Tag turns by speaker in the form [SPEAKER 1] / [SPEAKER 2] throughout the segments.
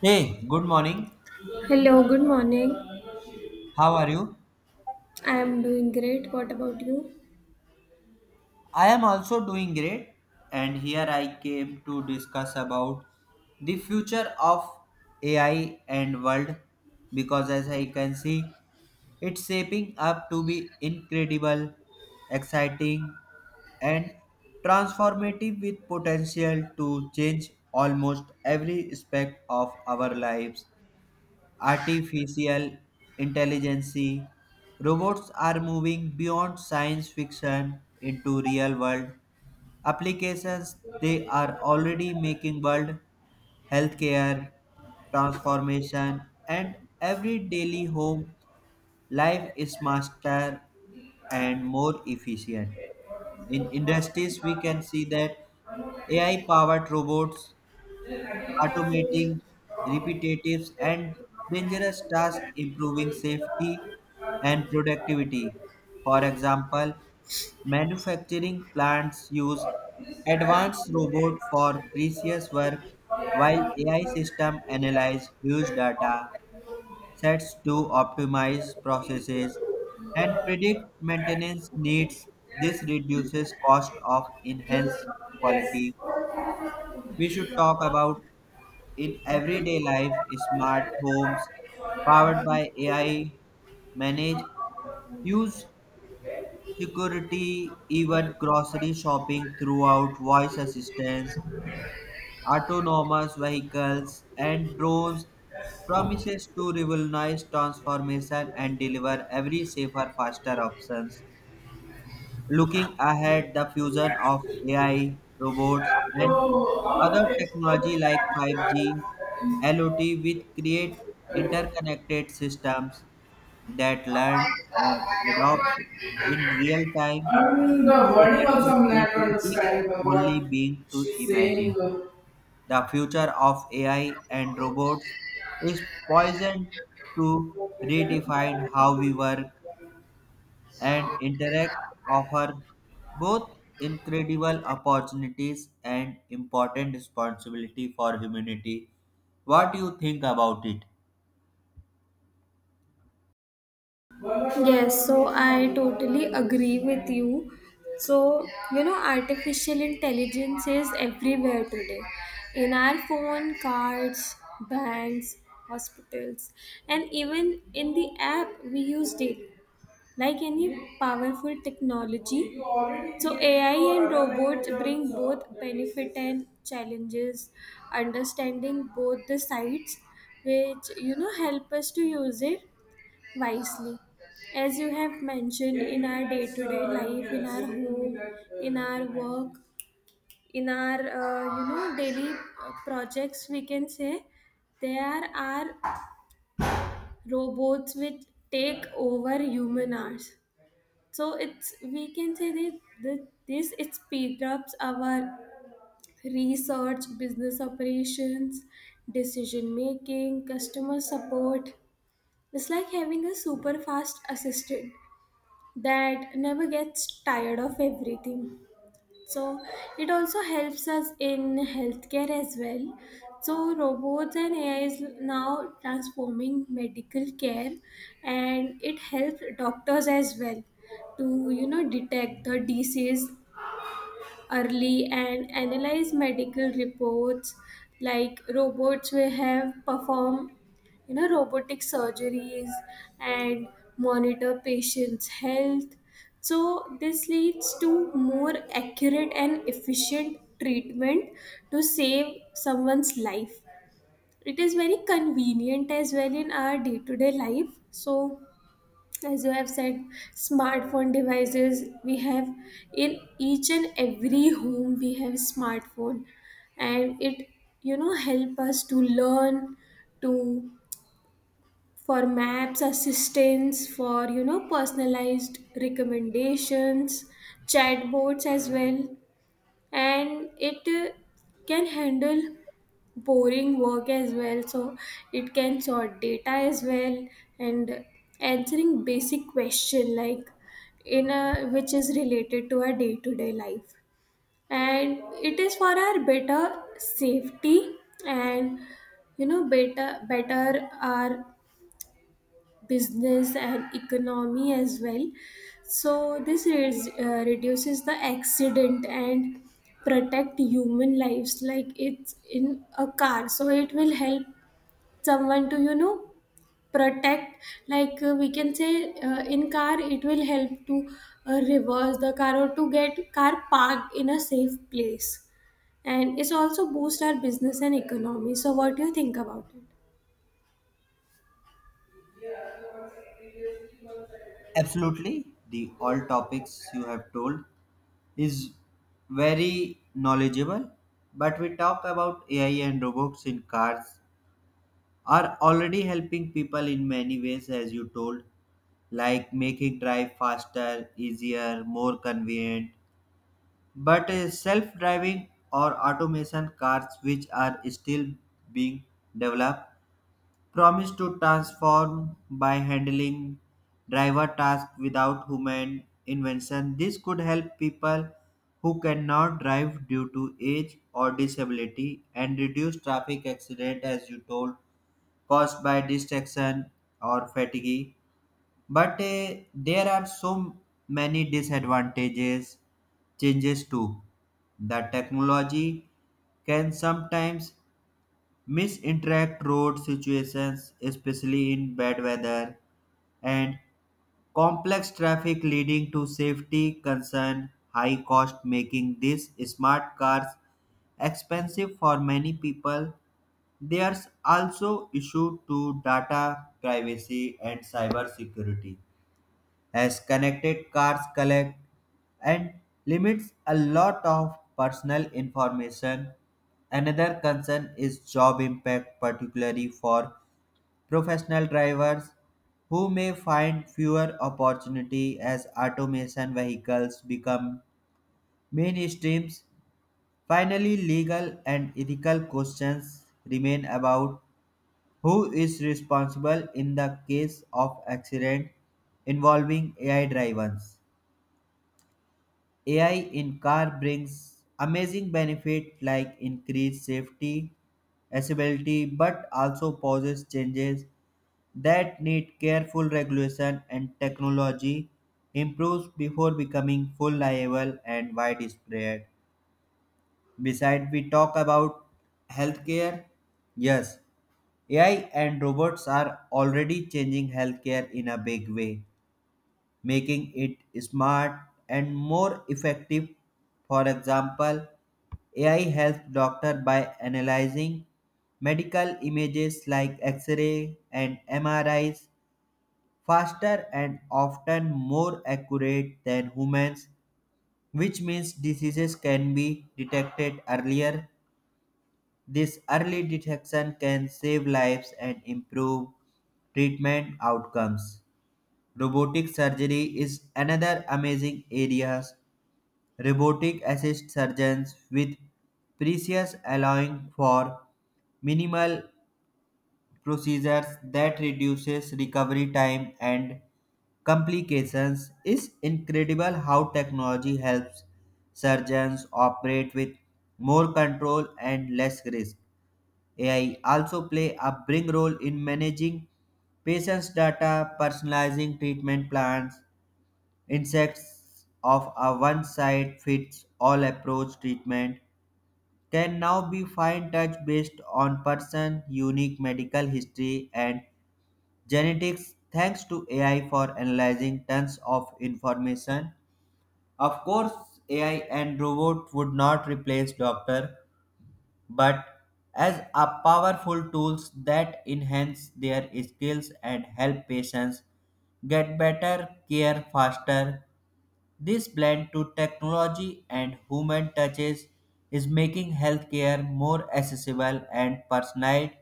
[SPEAKER 1] Hey, good morning.
[SPEAKER 2] Hello, good morning.
[SPEAKER 1] How are you?
[SPEAKER 2] I am doing great. What about you?
[SPEAKER 1] I am also doing great, and here I came to discuss about the future of AI and world because as I can see, it's shaping up to be incredible, exciting, and transformative with potential to change almost every aspect of our lives artificial intelligence. Robots are moving beyond science fiction into real world applications. They are already making world healthcare transformation and every daily home life is faster and more efficient. In industries, we can see that AI powered robots automating repetitive and dangerous tasks, improving safety and productivity. For example, manufacturing plants use advanced robots for precise work, while AI systems analyze huge data sets to optimize processes and predict maintenance needs. This reduces cost of enhanced quality. We should talk about in everyday life, smart homes powered by AI manage use security, even grocery shopping throughout voice assistance, autonomous vehicles, and drones promises to revolutionize transformation and deliver every safer, faster options. Looking ahead, the fusion of AI, robots, and other technology like 5G, LOT will create interconnected systems that learn and adopt in real time, open possibility we can only begin to imagine. The future of AI and robots is poised to redefine how we work and interact offer both incredible opportunities and important responsibility for humanity. What do you think about it?
[SPEAKER 2] Yes, so I totally agree with you. So, artificial intelligence is everywhere today in our phone, cards, banks, hospitals, and even in the app we use it. Like any powerful technology, so AI and robots bring both benefit and challenges. Understanding both the sides, which help us to use it wisely. As you have mentioned, in our day-to-day life, in our home, in our work, in our daily projects, we can say there are robots which take over human hours, so it's we can say that, the this it speeds up our research, business operations, decision making, customer support. It's like having a super fast assistant that never gets tired of everything. So, it also helps us in healthcare as well. So, robots and AI is now transforming medical care, and it helps doctors as well to detect the disease early and analyze medical reports, like robots will have perform robotic surgeries and monitor patients health. So this leads to more accurate and efficient treatment to save someone's life. It is very convenient as well in our day to day life. So as you have said, smartphone devices we have in each and every home. We have smartphone, and it help us to learn, to for maps assistance, for personalized recommendations, chatbots as well. And it can handle boring work as well. So it can sort data as well, and answering basic question like in a which is related to our day-to-day life. And it is for our better safety, and better our business and economy as well. So this is, reduces the accident and protect human lives, like it's in a car, so it will help someone to protect. Like we can say in car, it will help to reverse the car or to get car parked in a safe place. And it's also boost our business and economy. So what do you think about it?
[SPEAKER 1] Absolutely, the all topics you have told is very knowledgeable. But we talk about AI and robots in cars are already helping people in many ways, as you told, like making drive faster, easier, more convenient. But self-driving or automation cars, which are still being developed, promise to transform by handling driver tasks without human invention. This could help people who cannot drive due to age or disability and reduce traffic accident as you told caused by distraction or fatigue, but there are so many disadvantages, changes too. The technology can sometimes misinterpret road situations, especially in bad weather, and complex traffic leading to safety concern, high cost making these smart cars expensive for many people. There's also issue to data privacy and cyber security as connected cars collect and limits a lot of personal information. Another concern is job impact, particularly for professional drivers who may find fewer opportunity as automation vehicles become mainstreams. Finally, legal and ethical questions remain about who is responsible in the case of accident involving AI drivers. AI in car brings amazing benefit like increased safety, accessibility, but also poses changes that need careful regulation and technology improves before becoming full liable and widespread. Besides, we talk about healthcare. Yes, AI and robots are already changing healthcare in a big way making it smart and more effective. For example, AI helps doctor by analyzing medical images like X-ray and MRIs faster and often more accurate than humans, which means diseases can be detected earlier. This early detection can save lives and improve treatment outcomes. Robotic surgery is another amazing area, robotic assist surgeons with precious allowing for minimal procedures that reduces recovery time and complications, is incredible how technology helps surgeons operate with more control and less risk. AI also play a big role in managing patients data personalizing treatment plans insects of a one size fits all approach treatment can now be fine touch based on person unique medical history and genetics thanks to AI for analyzing tons of information. Of course, AI and robot would not replace doctor, but as a powerful tools that enhance their skills and help patients get better care faster. This blend to technology and human touches is making healthcare more accessible and personalized,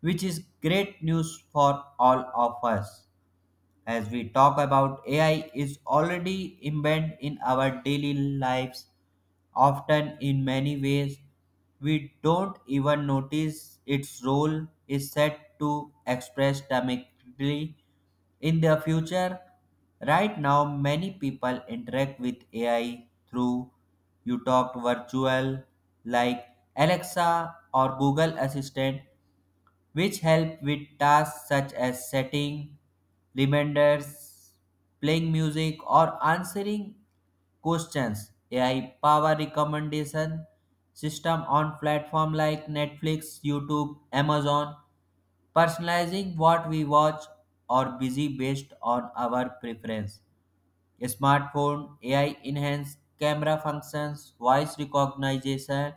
[SPEAKER 1] which is great news for all of us. As we talk about AI is already embedded in our daily lives often in many ways we don't even notice, its role is set to express dramatically in the future. Right now, many people interact with AI through you talked virtual like Alexa or Google Assistant which help with tasks such as setting reminders, playing music, or answering questions. AI power recommendation system on platform like Netflix, YouTube, Amazon, personalizing what we watch or busy based on our preference. Smartphone AI enhanced camera functions, voice recognition,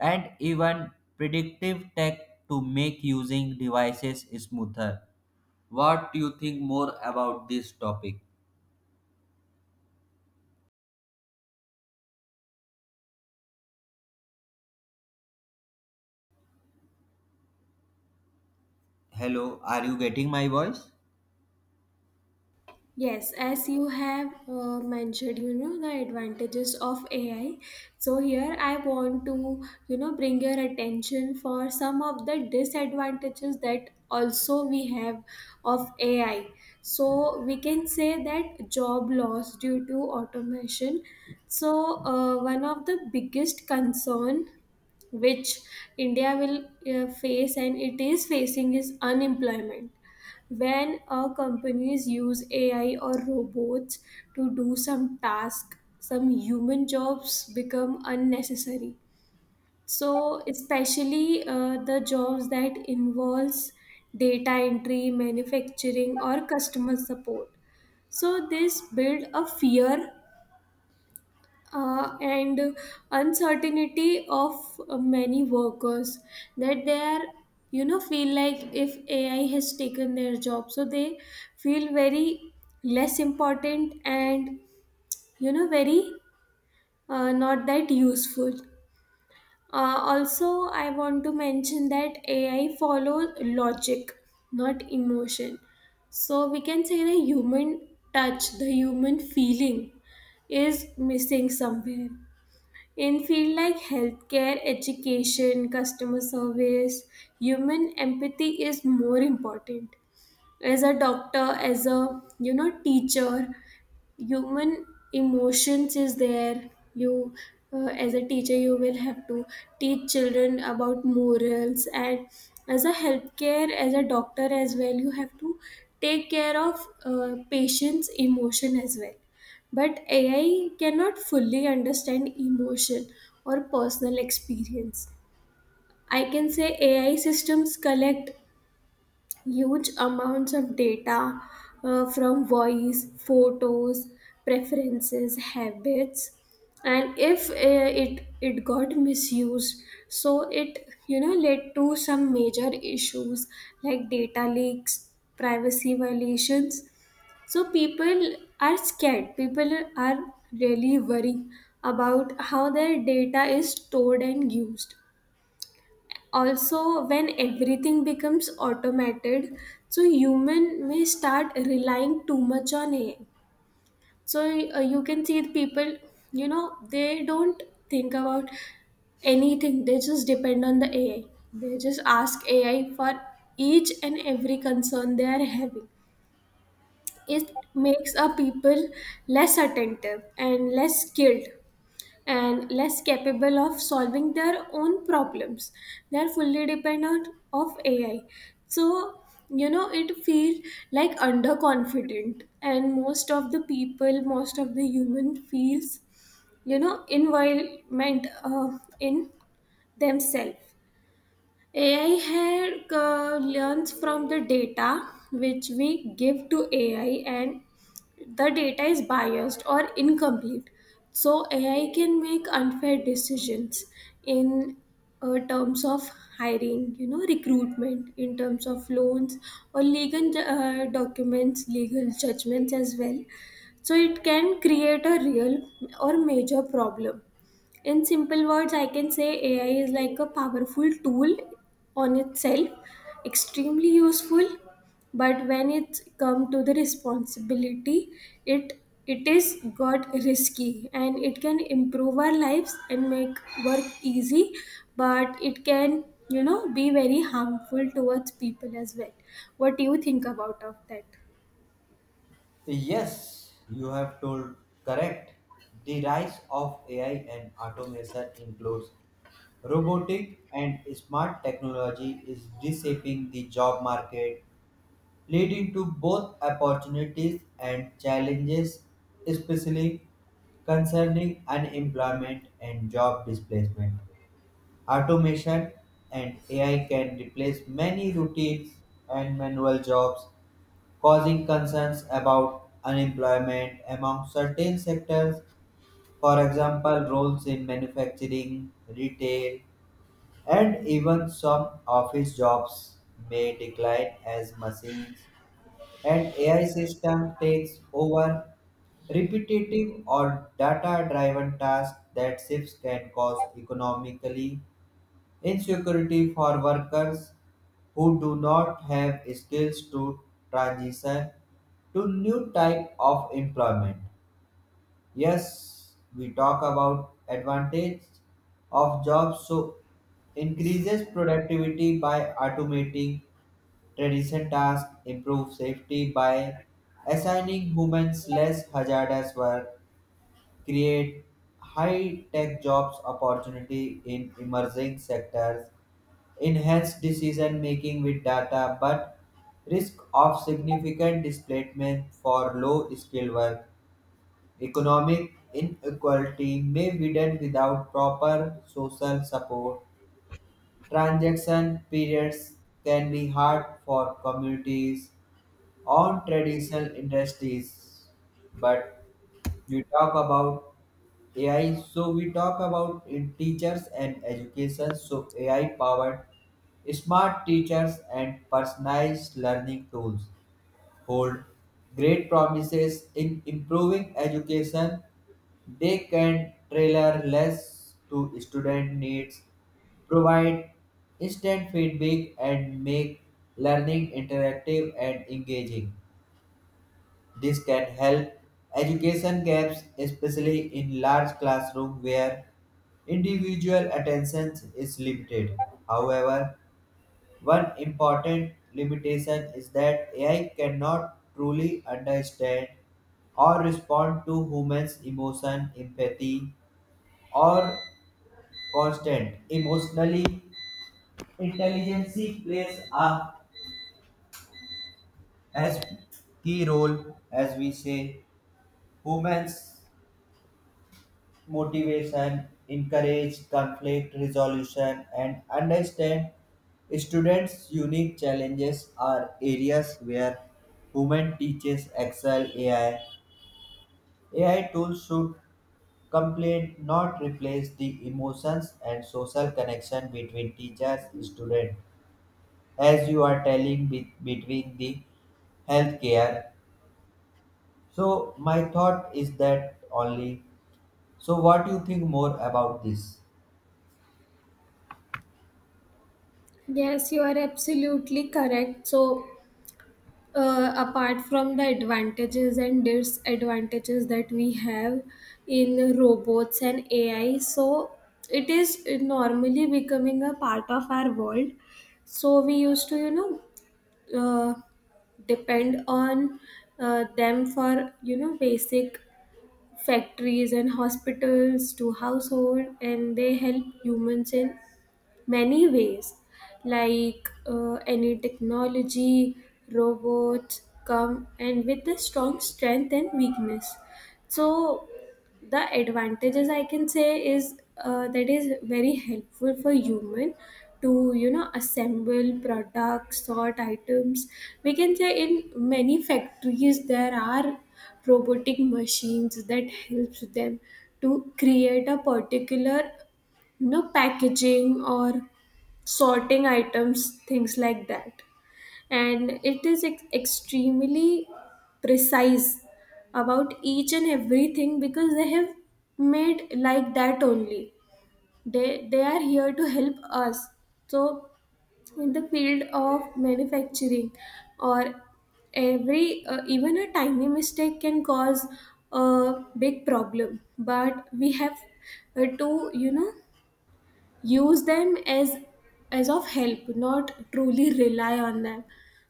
[SPEAKER 1] and even predictive tech to make using devices smoother. What do you think more about this topic? Hello, are you getting my voice?
[SPEAKER 2] Yes, as you have mentioned, the advantages of AI. So here I want to, bring your attention for some of the disadvantages that also we have of AI. So we can say that job loss due to automation. So one of the biggest concern which India will face, and it is facing, is unemployment. When companies use AI or robots to do some task, some human jobs become unnecessary. So, especially the jobs that involves data entry, manufacturing, or customer support. So, this build a fear and uncertainty of many workers that they are feel like if AI has taken their job, so they feel very less important, and very not that useful. Also I want to mention that AI follows logic, not emotion. So we can say the human touch, the human feeling, is missing somewhere in fields like healthcare, education, customer service. Human empathy is more important. As a doctor, as a teacher, human emotions is there. You uh, as a teacher you will have to teach children about morals, and as a healthcare, as a doctor as well, you have to take care of patients emotion as well, but AI cannot fully understand emotion or personal experience. I can say AI systems collect huge amounts of data from voice, photos, preferences, habits, and if it got misused, so it led to some major issues like data leaks, privacy violations. So people are scared. People are really worried about how their data is stored and used. Also, when everything becomes automated, so human may start relying too much on AI. So you can see the people, they don't think about anything. They just depend on the AI. They just ask AI for each and every concern they are having. It makes a people less attentive and less skilled and less capable of solving their own problems. They are fully dependent of AI. So it feels like underconfident, and most of the people, most of the human feels involvement in themselves. AI here learns from the data which we give to AI, and the data is biased or incomplete, so AI can make unfair decisions in terms of hiring, recruitment, in terms of loans, or legal documents, legal judgments as well. So it can create a real or major problem. In simple words, I can say AI is like a powerful tool on itself, extremely useful, but when it come to the responsibility, it it is got risky, and it can improve our lives and make work easy, but it can be very harmful towards people as well. What do you think about of that?
[SPEAKER 1] Yes, you have told correct. The rise of AI and automation includes robotic and smart technology is reshaping the job market leading to both opportunities and challenges, especially concerning unemployment and job displacement. Automation and AI can replace many routines and manual jobs, causing concerns about unemployment among certain sectors, for example, roles in manufacturing, retail, and even some office jobs may decline as machines and AI system takes over repetitive or data-driven tasks that shifts can cause economically insecurity for workers who do not have skills to transition to new type of employment. Yes, we talk about advantage of jobs. So increases productivity by automating traditional tasks, improve safety by assigning humans less hazardous work, create high-tech jobs opportunity in emerging sectors, enhance decision making with data, but risk of significant displacement for low-skilled work. Economic inequality may widen without proper social support. Transaction periods can be hard for communities on traditional industries. But you talk about AI, so we talk about in teachers and education, so AI powered smart teachers and personalized learning tools hold great promises in improving education, they can tailor less to student needs, provide instant feedback, and make learning interactive and engaging. This can help education gaps, especially in large classrooms where individual attention is limited. However, one important limitation is that AI cannot truly understand or respond to humans' emotion, empathy, or constant emotionally. Intelligence plays a as key role as we say humans motivation, encourage conflict resolution, and understand students' unique challenges are areas where human teachers excel AI. AI tools should complete, not replace, the emotions and social connection between teachers and students, as you are telling between the healthcare. So my thought is that only. So what do you think more about this?
[SPEAKER 2] Yes, you are absolutely correct. So apart from the advantages and disadvantages that we have in robots and AI, so it is normally becoming a part of our world. So we used to, uh, depend on them for, basic factories and hospitals to household, and they help humans in many ways. Like any technology, robots come and with a strong strength and weakness. So the advantages, I can say, is that is very helpful for human to assemble products, sort items. We can say in many factories there are robotic machines that helps them to create a particular, packaging or sorting items, things like that. And it is extremely precise about each and everything because they have made like that only. They are here to help us. So in the field of manufacturing, or every even a tiny mistake can cause a big problem, but we have to use them as of help, not truly rely on them.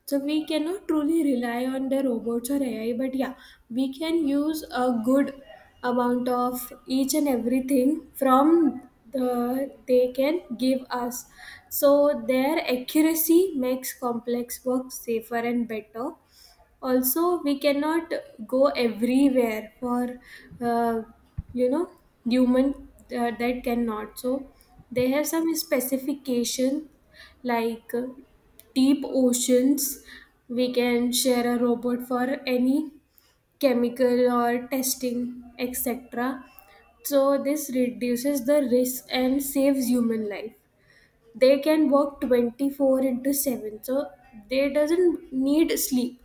[SPEAKER 2] So we cannot truly rely on the robots or AI, but yeah, we can use a good amount of each and everything from they can give us. So their accuracy makes complex work safer and better. Also we cannot go everywhere for uh, you know human that cannot. So they have some specification like deep oceans. We can share a robot for any chemical or testing, etc. So this reduces the risk and saves human life. They can work 24 into 7, so they doesn't need sleep.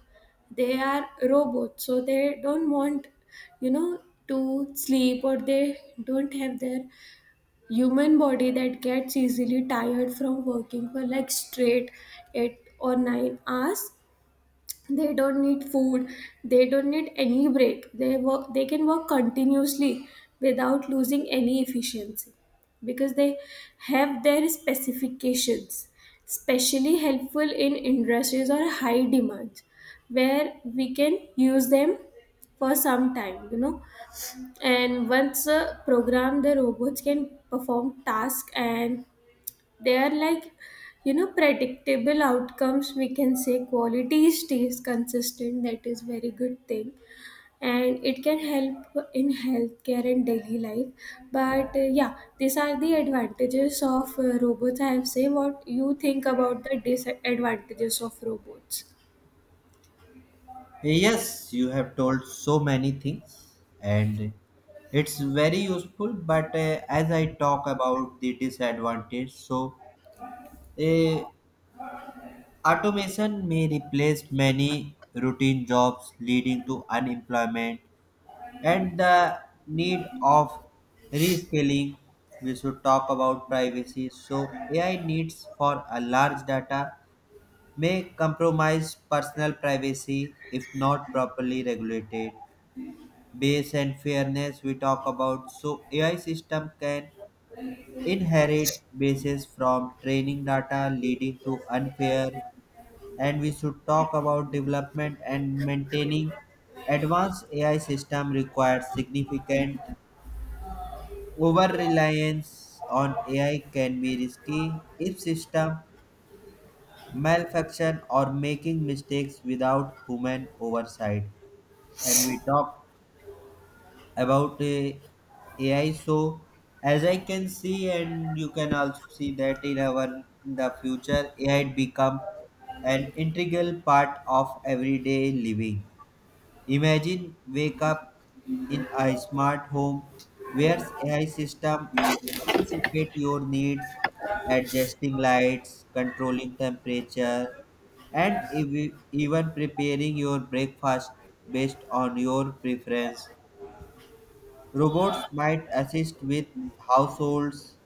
[SPEAKER 2] They are robots, so they don't want you know to sleep, or they don't have their human body that gets easily tired from working for like straight 8 or 9 hours. They don't need food, they don't need any break. They can work continuously without losing any efficiency because they have their specifications. Especially helpful in industries or high demand where we can use them for some time. And once programmed, the robots can perform tasks, and they are like, predictable outcomes. We can say quality stays consistent, that is very good thing, and it can help in healthcare and daily life. But yeah, these are the advantages of robots, I have say. What you think about the disadvantages of robots?
[SPEAKER 1] Yes, you have told so many things, and it's very useful. But as I talk about the disadvantage, so uh, automation may replace many routine jobs, leading to unemployment and the need of rescaling. We should talk about privacy. So AI needs for a large data may compromise personal privacy if not properly regulated. Base and fairness we talk about, so AI system can inherit bases from training data leading to unfair, and we should talk about development and maintaining advanced AI system requires significant over reliance on AI can be risky if system malfunction or making mistakes without human oversight. And we talk about a AI. So as I can see, and you can also see that in our in the future, AI become an integral part of everyday living. Imagine wake up in a smart home where AI system anticipate your needs, adjusting lights, controlling temperature, and even preparing your breakfast based on your preference. Robots might assist with households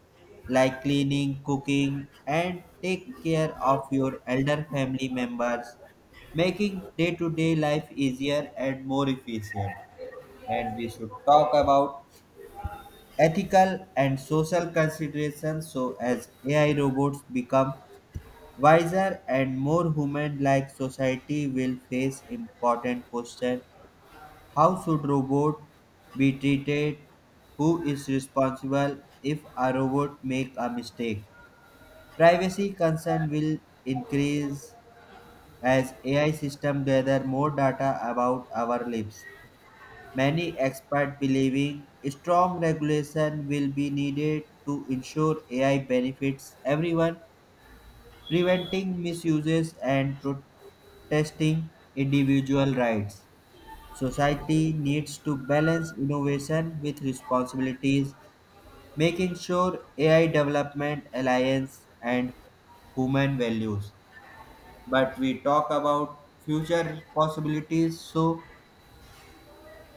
[SPEAKER 1] like cleaning, cooking, and take care of your elder family members, making day to day life easier and more efficient. And we should talk about ethical and social considerations so as AI robots become wiser and more human like, society will face important questions. How should robot be treated? Who is responsible if a robot make a mistake? Privacy concern will increase as AI system gather more data about our lives. Many experts believing strong regulation will be needed to ensure AI benefits everyone, preventing misuses and protecting individual rights. Society needs to balance innovation with responsibilities, making sure AI development alliance and human values. But we talk about future possibilities, so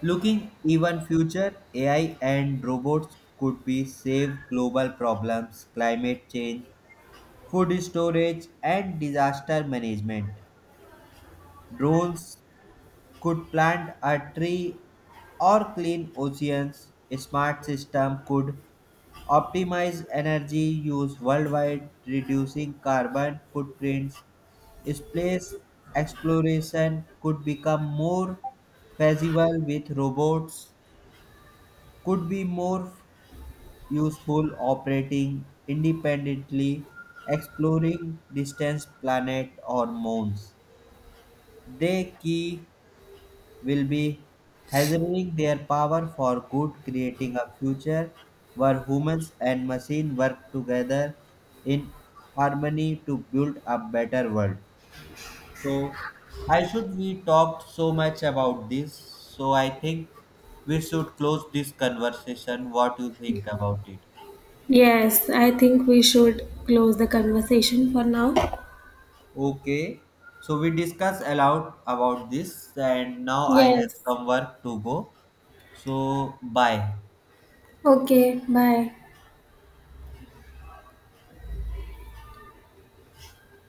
[SPEAKER 1] looking even future, AI and robots could be save global problems, climate change, food storage, and disaster management. Drones could plant a tree or clean oceans. A smart system could optimize energy use worldwide, reducing carbon footprints. Space exploration could become more feasible with robots, could be more useful operating independently, exploring distant planets or moons. The key will be hazarding their power for good, creating a future where humans and machines work together in harmony to build a better world. So, I should we talked so much about this. So, I think we should close this conversation. What you think about it?
[SPEAKER 2] Yes, I think we should close the conversation for now.
[SPEAKER 1] Okay. So we discuss aloud about this, and now I have
[SPEAKER 2] Yes.
[SPEAKER 1] some work to go. So bye.
[SPEAKER 2] Okay, bye.